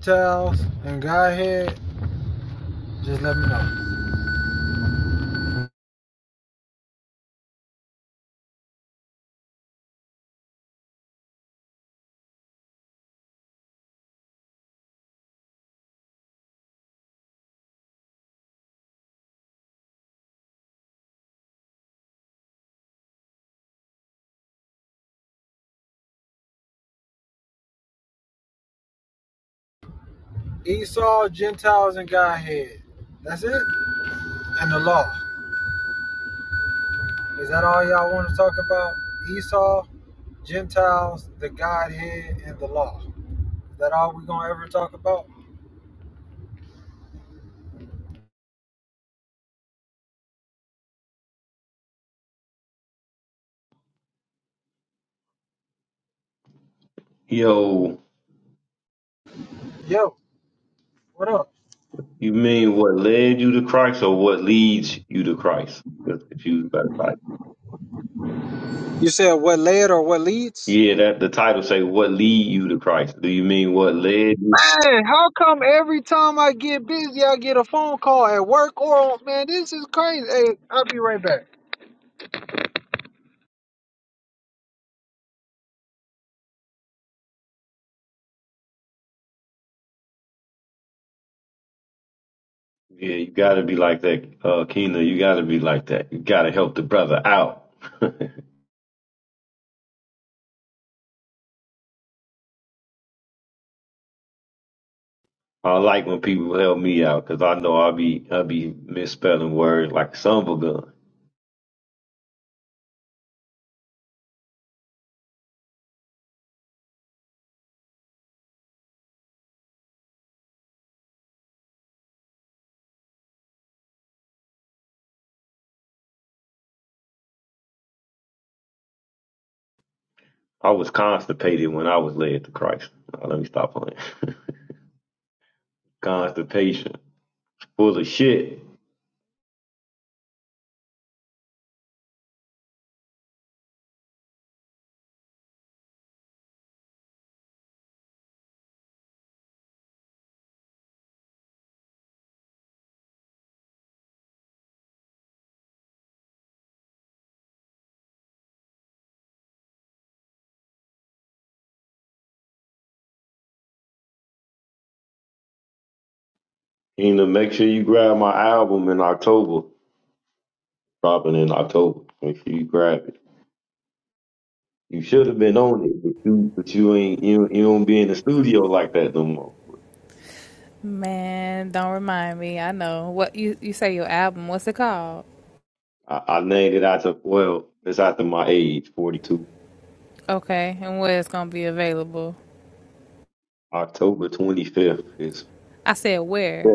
Gentiles and Godhead, just let me know. Esau, Gentiles, and Godhead. That's it. And the law. Is that all y'all want to talk about? Esau, Gentiles, the Godhead, and the law. Is that all we gonna ever talk about? Yo, Yo, what up? you mean what led you to Christ or what leads you to Christ? That's confused by the title. You said what led or what leads? Yeah, that the title say what lead you to Christ. Do you mean what led you? Man, how come every time I get busy, I get a phone call at work or on, man? This is crazy. Hey, I'll be right back. Yeah, you gotta be like that, uh Keena, you gotta be like that. You gotta help the brother out. I like when people help me out because I know I'll be I'll be misspelling words like son of a gun. I was constipated when I was led to Christ. Now, let me stop playing. Constipation. Full of shit. Tina, make sure you grab my album in October. Dropping in October. Make sure you grab it. You should have been on it, but you but you ain't you, you don't be in the studio like that no more. Man, don't remind me. I know. What you you say your album, what's it called? I, I named it after well, it's after my age, forty two. Okay, and where it's gonna be available. October twenty fifth is I said Yeah. where?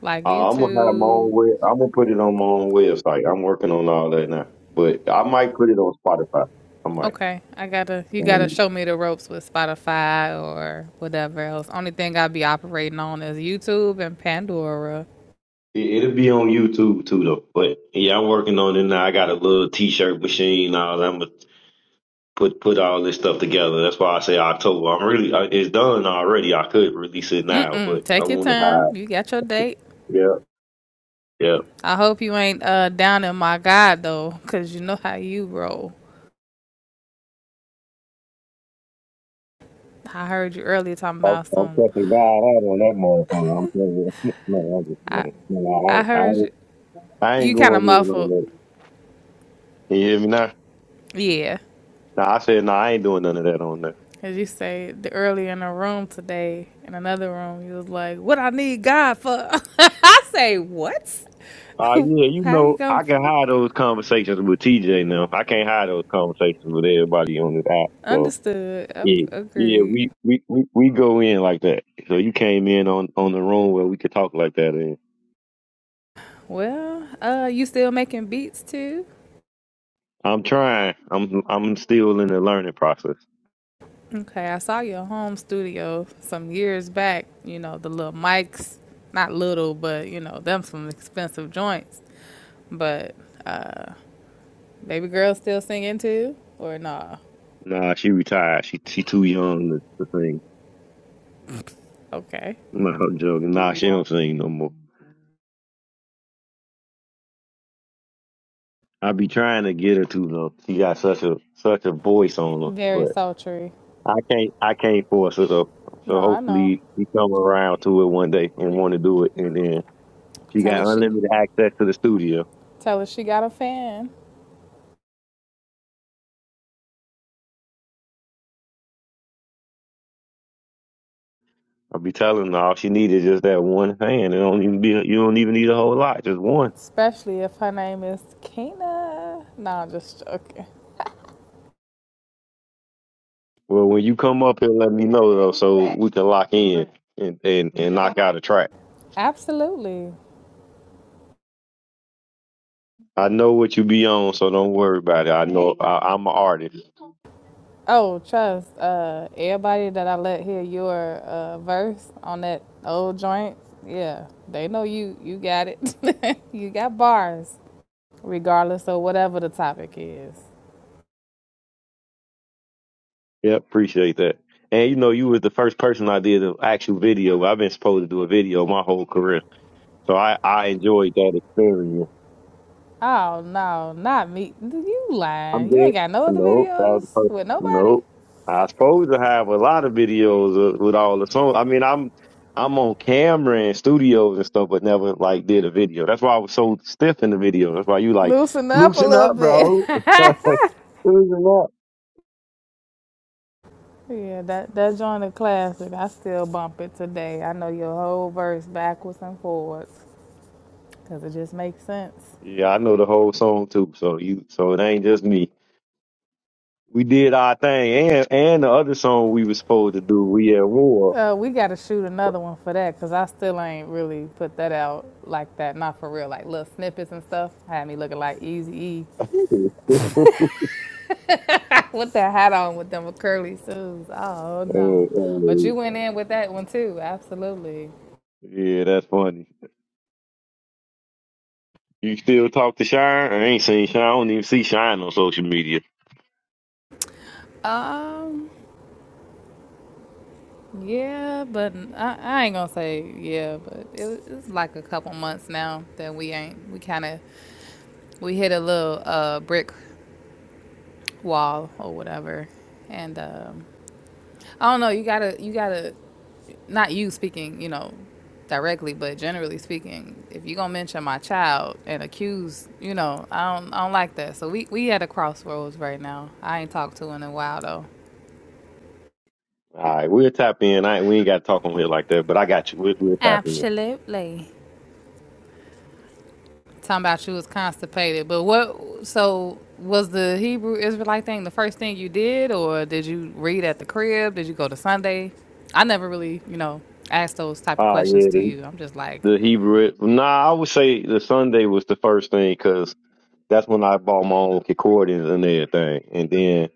Like uh, I'm gonna have my own YouTube. way. I'm gonna put it on my own website. I'm working on all that now, but I might put it on Spotify. I Okay. I gotta you might. gotta show me the ropes with Spotify or whatever else. Only thing i will be operating on is YouTube and Pandora. It, it'll be on YouTube too, though. But yeah, I'm working on it now. I got a little T-shirt machine. Now I'm gonna put put all this stuff together. That's why I say October. I'm really uh, it's done already. I could release it Mm now, mm. but I Take your want to time. hide. You got your date. Yeah, yeah. I hope you ain't uh down in my god though, cause you know how you roll. I heard you earlier talking I'm, about I'm some fucking God out on that motherfucker. I'm telling you. no, I'm just I playing. No, I, I ain't- I, heard you, ain't- I ain't you kind of going in on muffled. that. You hear me now? Yeah. Nah, I said no. I ain't doing none of that on that. As you say, the earlier in a room today, in another room, you was like, "What I need God for?" I say, "What? Uh, yeah, you How you know, gonna I can hide those conversations with TJ now. I can't hide those conversations with everybody on this app. So understood? Ag- yeah, yeah, Agreed. we we we, we go in like that. So you came in on on the room where we could talk like that. And Well, uh, you still making beats too? I'm trying. I'm I'm still in the learning process. Okay, I saw your home studio some years back. You know the little mics, not little, but you know them some expensive joints. But uh, baby girl still singing too, or nah? Nah, she retired. She she too young to, to sing. Okay, No, I'm joking. Nah, she don't sing no more. I be trying to get her to though. She got such a such a voice on her, very sultry. I can't I can't force her though. No, So I know. hopefully she come around to it one day and want to do it, and then she Tell her got she unlimited access to the studio. tell her she got a fan. I'll be telling her all she needs is just that one hand. It don't even be you don't even need a whole lot, just one. Especially if her name is Kina. No, I'm just joking. Well, when you come up here, let me know though, so we can lock in and and, and knock out a track. Absolutely. I know what you be on, so don't worry about it. I know I, I'm an artist. Oh, trust, uh, everybody that I let hear your uh, verse on that old joint, yeah, they know you you got it. you got bars. Regardless of whatever the topic is. Yeah, appreciate that. And you know, you was the first person I did an actual video. I've been supposed to do a video my whole career. So I, I enjoyed that experience. Oh no, not me. You I'm lying. You ain't there. got no other No, that was videos the first. with nobody? Nope. I supposed to have a lot of videos of, with all the songs. I mean, I'm I'm on camera and studios and stuff, but never like did a video. That's why I was so stiff in the video. That's why you like Loosen up a loosen little up, bit. bro. Loosen up. Yeah, that that joint a classic. I still bump it today. I know your whole verse backwards and forwards because it just makes sense. Yeah, I know the whole song too. So you, so it ain't just me. We did our thing, and and the other song we was supposed to do, we at war. Uh, we got to shoot another one for that because I still ain't really put that out like that. Not for real, like little snippets and stuff. Had me looking like Easy E with that hat on with them curly shoes. Oh no! Uh, But uh, you went in with that one too. Absolutely. yeah, that's funny. You still talk to Shine? I ain't seen Shine. I don't even see Shine on social media. Um. Yeah, but I, I ain't gonna say yeah, but it, it's like a couple months now that we ain't we kind of we hit a little uh brick wall or whatever, and um, I don't know. You gotta you gotta not you speaking, you know, directly, but generally speaking, if you gonna mention my child and accuse, you know, I don't I don't like that. So we we at a crossroads right now. I ain't talked to in a while though. All right, we'll tap in. I ain't, we ain't got to talk on here like that, but I got you. We'll, we'll tap in. Absolutely. talking about you was constipated. But what? So was the Hebrew Israelite thing the first thing you did, or did you read at the crib? Did you go to Sunday? I never really, you know, asked those type of Ah, questions yeah, to the, you. I'm just like, the Hebrew. Nah, I would say the Sunday was the first thing because that's when I bought my own concordance and everything, and then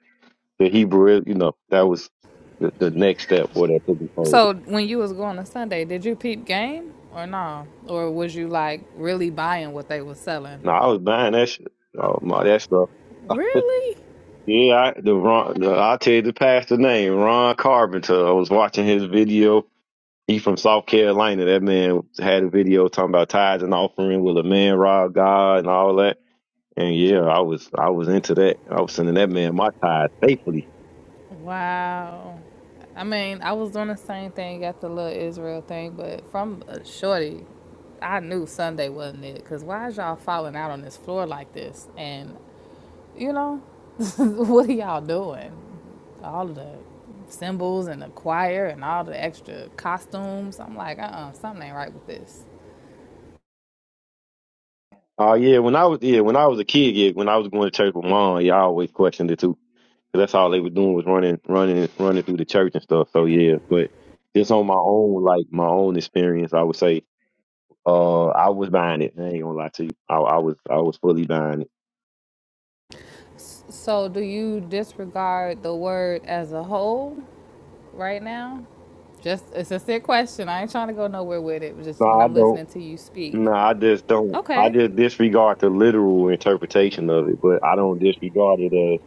the Hebrew. You know, that was the, the next step for that took me further. so when you was going to Sunday, did you peep game or no? Or was you like really buying what they was selling? Nah, I was buying that shit. Oh, my, that stuff. Really? Yeah, I, the Ron. The, I'll tell you the pastor name, Ron Carpenter. I was watching his video He from South Carolina. That man had a video talking about tithes and offering. Will a man rob God and all that? And yeah, I was I was into that. I was sending that man my tithes faithfully. Wow. I mean, I was doing the same thing at the little Israel thing, but from a shorty, I knew Sunday wasn't it. Cause why is y'all falling out on this floor like this? And you know, what are y'all doing? All of the symbols and the choir and all the extra costumes. I'm like, uh, uh something ain't right with this. Oh yeah, when I was yeah when I was a kid, yeah, when I was going to church with mom, yeah, I always questioned it too. 'Cause that's all they were doing was running, running, running through the church and stuff. So yeah, but just on my own, like my own experience, I would say, uh, I was buying it. I ain't gonna lie to you, I, I was I was fully buying it. So, do you disregard the word as a whole? right now? Just it's a sick question. I ain't trying to go nowhere with it. Just No, when I I'm don't. listening to you speak. No, I just don't. I Okay, just disregard the literal interpretation of it, but I don't disregard it as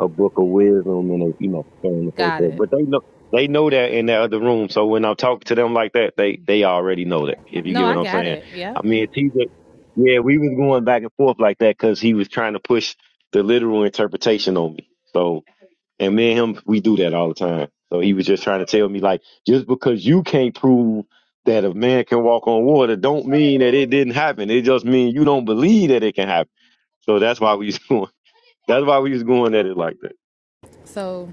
a book of wisdom and a you know so on and so got forth. it. But they know they know that in that other room. So when I'm talking to them like that, they they already know that. If you No, get I what I'm got saying, it. Yep. I mean, TJ, yeah, we was going back and forth like that because he was trying to push the literal interpretation on me. So. And me and him, we do that all the time. So he was just trying to tell me, like, just because you can't prove that a man can walk on water, don't mean that it didn't happen. It just means you don't believe that it can happen. So that's why we was going. That's why we was going at it like that. So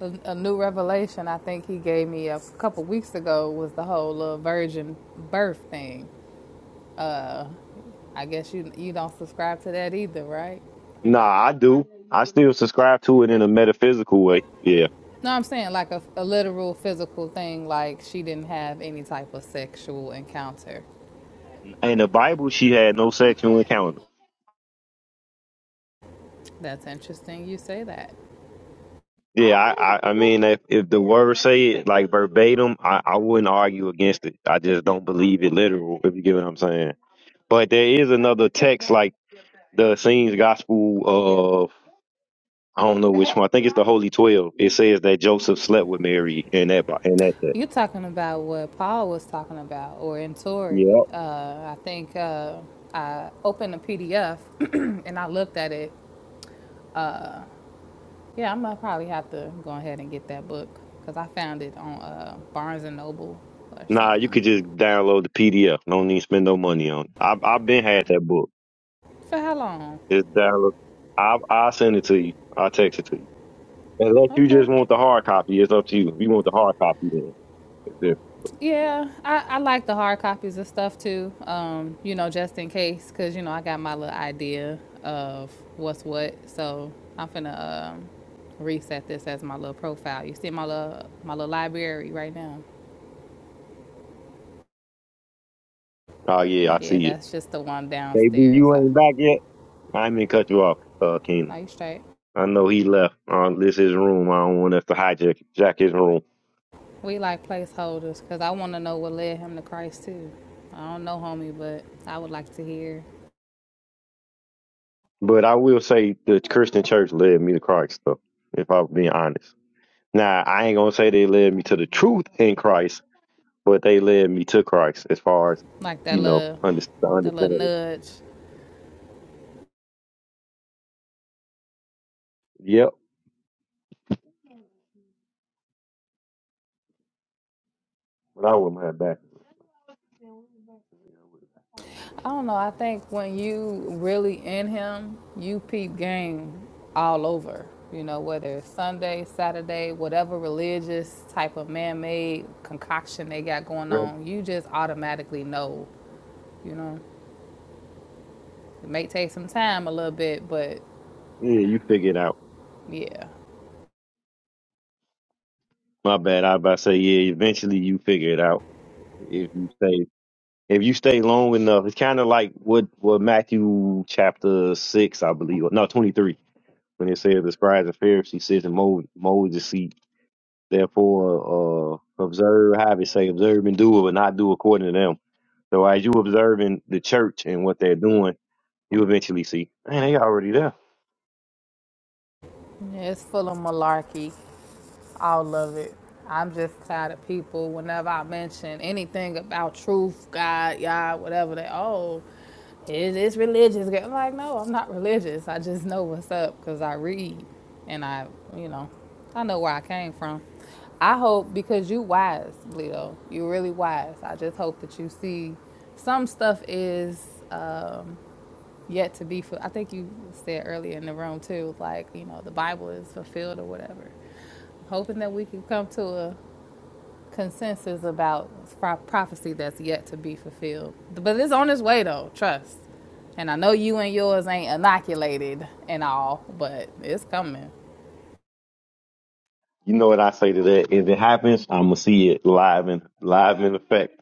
a, a new revelation I think he gave me a couple weeks ago was the whole little virgin birth thing. I guess you you don't subscribe to that either, right? Nah, I do. I still subscribe to it in a metaphysical way. Yeah. No, I'm saying like a, a literal physical thing, like she didn't have any type of sexual encounter. In the Bible, she had no sexual encounter. That's interesting. You say that. Yeah, I, I, I mean, if, if the words say it like verbatim, I, I wouldn't argue against it. I just don't believe it literal. If you get what I'm saying. But there is another text like the scenes gospel of I don't know which one. I think it's the Holy Twelve. It says that Joseph slept with Mary in that bo- in that text. You're talking about what Paul was talking about, or in Tory. Yep. Uh, I think uh, I opened a PDF and I looked at it. Yeah, I'm gonna probably have to go ahead and get that book because I found it on uh, Barnes and Noble or Nah, you something. could just download the PDF. Don't need to spend no money on it. I've I've been had that book. For how long? It's download. I I send it to you. I text it to you. Unless you Okay. just want the hard copy, it's up to you. If you want the hard copy, then it's different. Yeah, I, I like the hard copies of stuff too. Um, you know, just in case, cause you know I got my little idea of what's what. So I'm finna um, reset this as my little profile. You see my little my little library right now. Oh yeah, I Yeah, see it. that's just the one KB, downstairs. you I, ain't back yet. I ain't mean to cut you off, uh, Keenan. now you straight. I know he left. Uh, this is his room. I don't want us to hijack jack his room. We like placeholders, cause I want to know what led him to Christ too. I don't know, homie, but I would like to hear But I will say the Christian church led me to Christ, though, if I'm being honest. Now, I ain't going to say they led me to the truth in Christ, but they led me to Christ as far as, like that you know, little under, the that little understanding. nudge Yep. But I wouldn't have back. I don't know. I think when you really in him, you peep game all over. You know, whether it's Sunday, Saturday, whatever religious type of man made concoction they got going Right. on, you just automatically know, you know. It may take some time a little bit, but Yeah, you figure it out. yeah. My bad. I about to say, yeah, eventually you figure it out if you stay. If you stay long enough, it's kind of like what, what Matthew chapter 6, I believe, or no, 23 when it says the scribes and Pharisees sits in Mo- Moses' seat. Therefore, uh, observe, have it say, observe and do it, but not do according to them. So as you observing the church and what they're doing, you eventually see, man, they already there. Yeah, it's full of malarkey. all of it. I'm just tired of people whenever I mention anything about truth, God, Yah, whatever they oh, it is religious. I'm like, no, I'm not religious. I just know what's up because I read and I, you know, I know where I came from. I hope because you wise, Bleedo. You really wise. I just hope that you see some stuff is um, yet to be fulfilled. I think you said earlier in the room too, like, you know, the Bible is fulfilled or whatever. I'm Hoping that we can come to a consensus about prophecy that's yet to be fulfilled. But it's on its way though, trust. And I know you and yours ain't inoculated and all, but it's coming. You know what I say to that? If it happens, I'm gonna see it live and live in effect.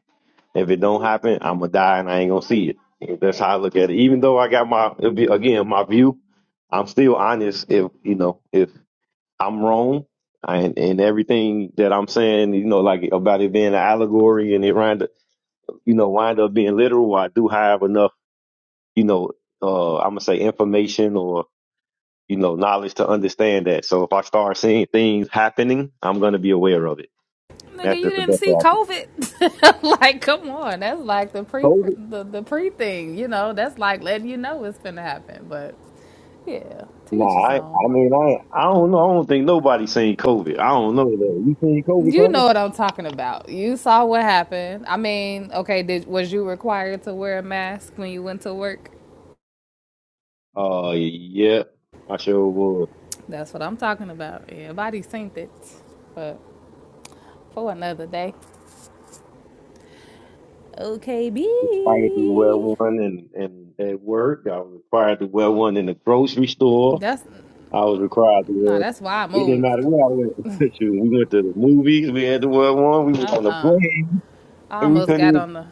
If it don't happen, I'm gonna die and I ain't gonna see it. That's how I look at it. Even though I got my it'll be, again my view, I'm still honest. If you know, if I'm wrong, and and everything that I'm saying, you know, like about it being an allegory and it wind up, you know, wind up being literal. I do have enough, you know, uh, I'm gonna say information or you know knowledge to understand that. So if I start seeing things happening, I'm gonna be aware of it. Nigga, That's you just the didn't best way see I can. COVID. like, come on, that's like the pre COVID? the, the pre thing, you know. That's like letting you know it's gonna happen. But yeah, Nah, teach his I, own. I mean, I I don't know. I don't think nobody's seen COVID. I don't know that. You seen COVID You coming? know what I'm talking about. You saw what happened. I mean, okay, did was you required to wear a mask when you went to work? Uh, yeah, I sure was. That's what I'm talking about. Everybody synced it. But for another day. Okay, required to wear B. one in, in at work. I was required to wear one in the grocery store. That's I was required to no, wear. that's why I It didn't matter moved. where I went. Shoot, We went to the movies. We had to wear one. We Uh was on the uh plane. I And we almost couldn't got even. on the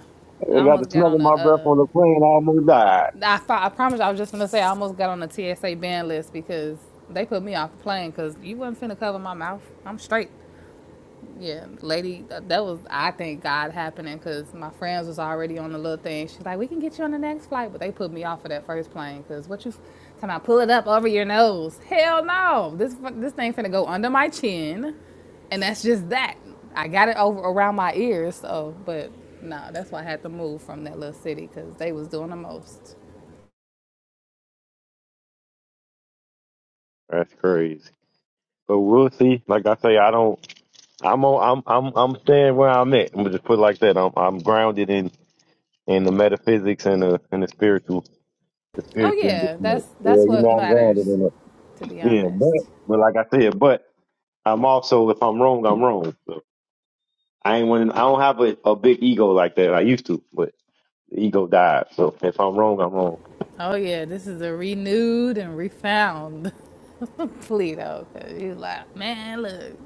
I I got the almost got smell on of the my breath uh on the plane. I almost died. I, fo- I promise I was just gonna say I almost got on the TSA ban list because they put me off the plane because you wasn't finna cover my mouth. I'm straight. Yeah, lady, that was I think God happening because my friends was already on the little thing. She's like, "We can get you on the next flight," but they put me off of that first plane because what you f- talking about? Pull it up over your nose? Hell no! This fu- this thing finna go under my chin, and that's just that. I got it over around my ears, so but no, that's why I had to move from that little city because they was doing the most. That's crazy. But we'll see. Like I say, I don't. I'm on. I'm. I'm. I'm staying where I'm at. I'm gonna just put it like that. I'm. I'm grounded in in the metaphysics and the and the spiritual. The Oh spiritual yeah, understanding. that's Yeah, that's you know, what I'm grounded matters, in that. to be Yeah, but honest. but like I said, but I'm also if I'm wrong, I'm wrong. So I ain't one. I don't have a, a big ego like that. I used to, but the ego died. So if I'm wrong, I'm wrong. Oh yeah, this is a renewed and refound Pluto. 'cause You like, man, look,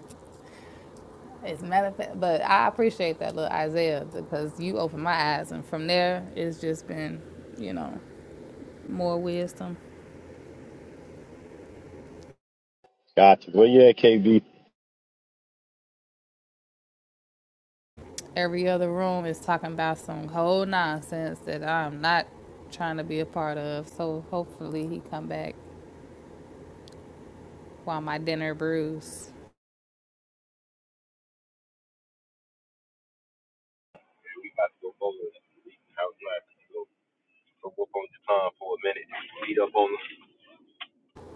it's manifest. But I appreciate that, little Isaiah, because you opened my eyes, and from there, it's just been, you know, more wisdom. Gotcha. Well, yeah, KB. Every other room is talking about some whole nonsense that I'm not trying to be a part of. So hopefully, he come back while my dinner brews.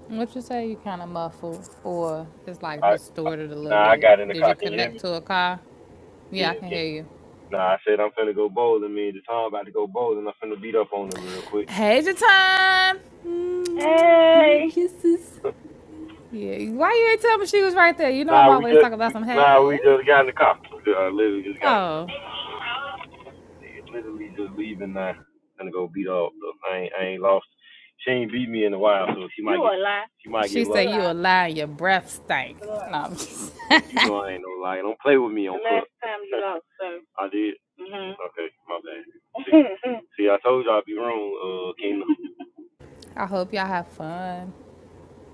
What you say? You kind of muffled, or it's like distorted a little bit. Did you connect to a car? Yeah, I can hear you. Hey, the time. Mm, give me kisses. Yeah. Why you ain't tell me she was right there? You know I'm always talking about some. Hey. Oh, she said you a lie. Your breath stank. No, I'm just. I hope y'all have fun.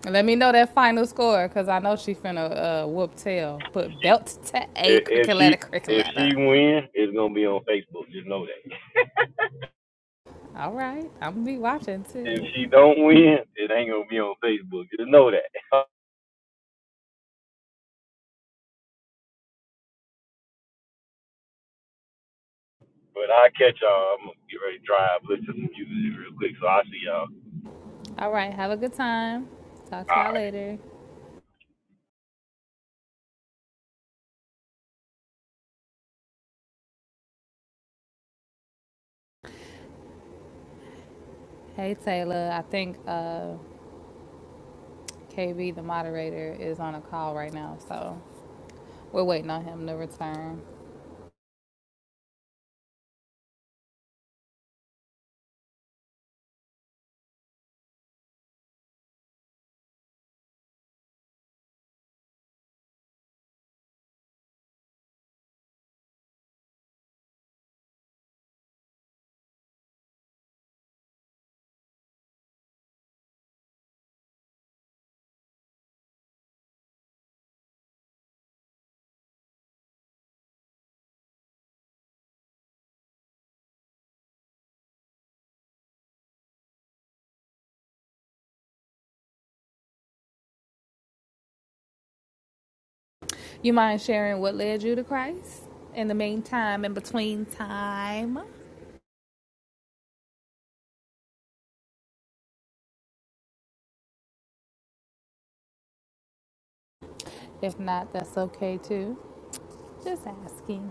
And Let me know that final score, cause I know she finna uh, whoop tail. Put belt to a cricket letter, cricket letter. All right, I'm gonna be watching too. All right. Have a good time. Talk to y'all later. Hey, Taylor. I think uh, KB, the moderator, is on a call right now. So we're waiting on him to return. You mind sharing what led you to Christ in the meantime, in between time? If not, that's okay too. Just asking.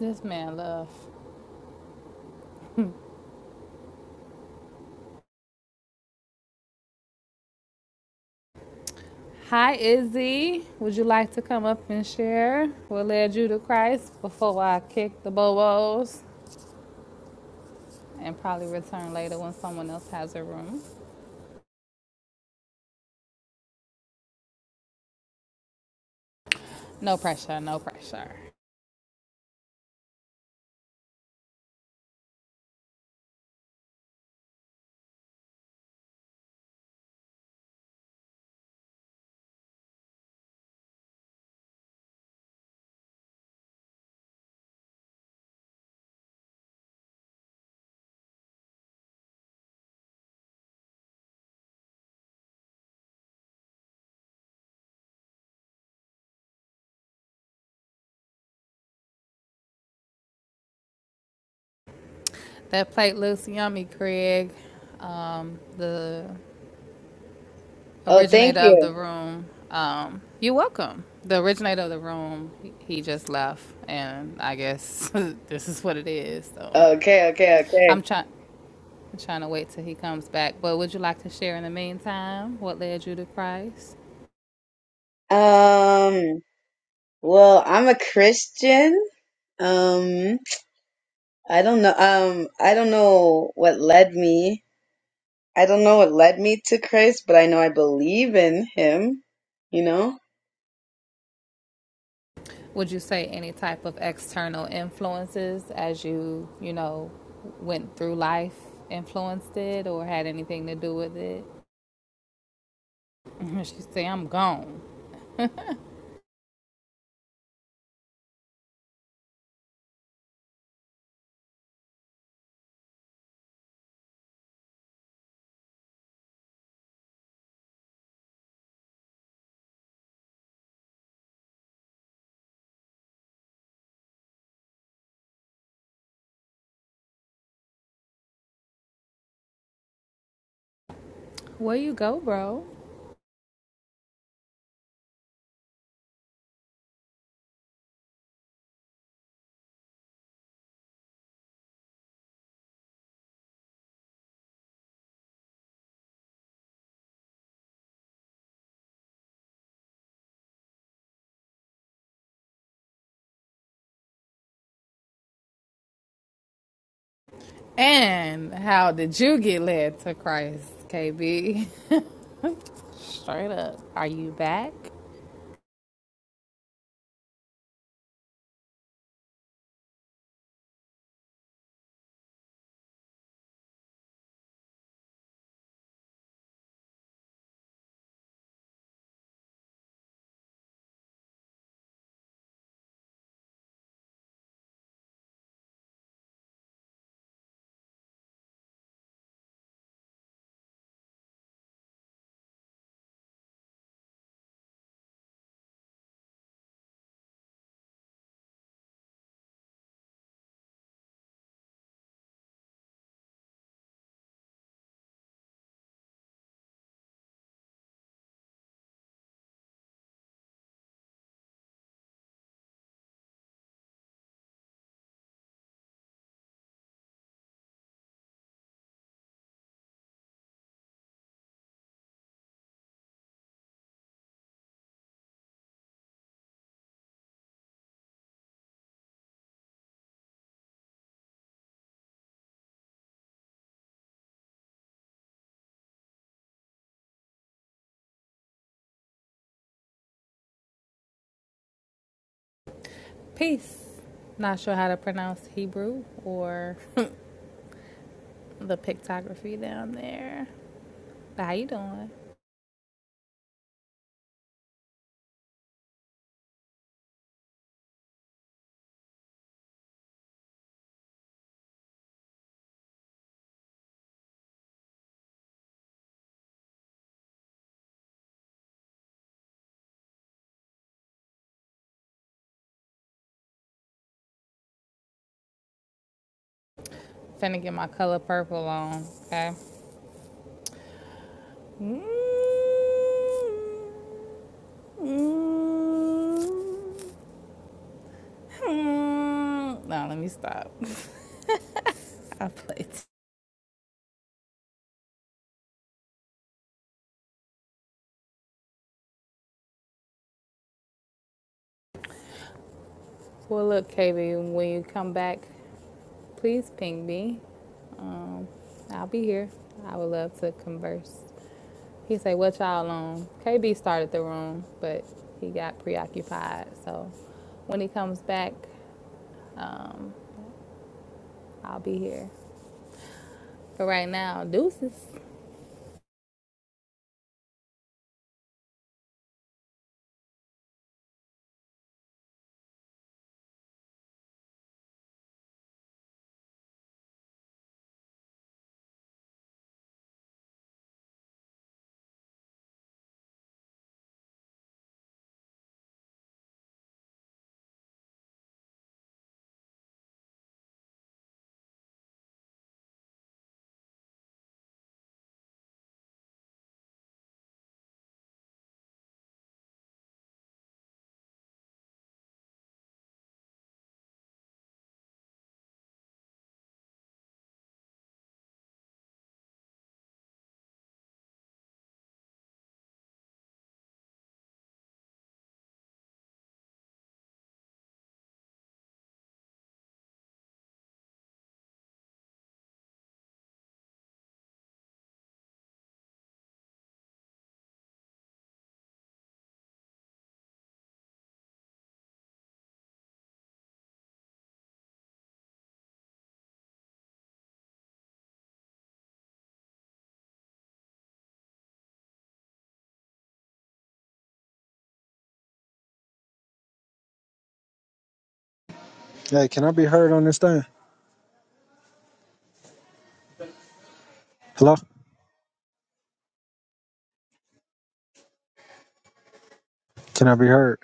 This man, love. Hi, Izzy. Would you like to come up and share what led you to Christ before I kick the bobos and probably return later when someone else has a room? No pressure, no pressure. That plate looks yummy, Craig, um, the Oh, thank originator of you. the room. Um, you're welcome. The originator of the room, he he just left, and I guess this is what it is. So Okay, okay, I'm okay. trying. i trying to wait till he comes back. But would you like to share in the meantime what led you to Christ? Um, well, I'm a Christian. Um, I don't know. Um, I don't know what led me. I don't know what led me to Christ, but I know I believe in him, you know? Would you say any type of external influences as you, you know, went through life influenced it or had anything to do with it? And she say, I'm gone. Where you go, bro? And how did you get led to Christ, KB? Straight up. Are you back? Peace. Not sure how to pronounce Hebrew or the pictography down there. But how you doing? Finna get my color purple on, okay? Mm-hmm. Mm-hmm. No, let me stop. I played Well, look, KB, when you come back, please ping me. Um, I'll be here. I would love to converse. He said, "What y'all on?" KB started the room, but he got preoccupied. So when he comes back, um, I'll be here. But right now, deuces. Hey, can I be heard on this thing? Hello? Can I be heard?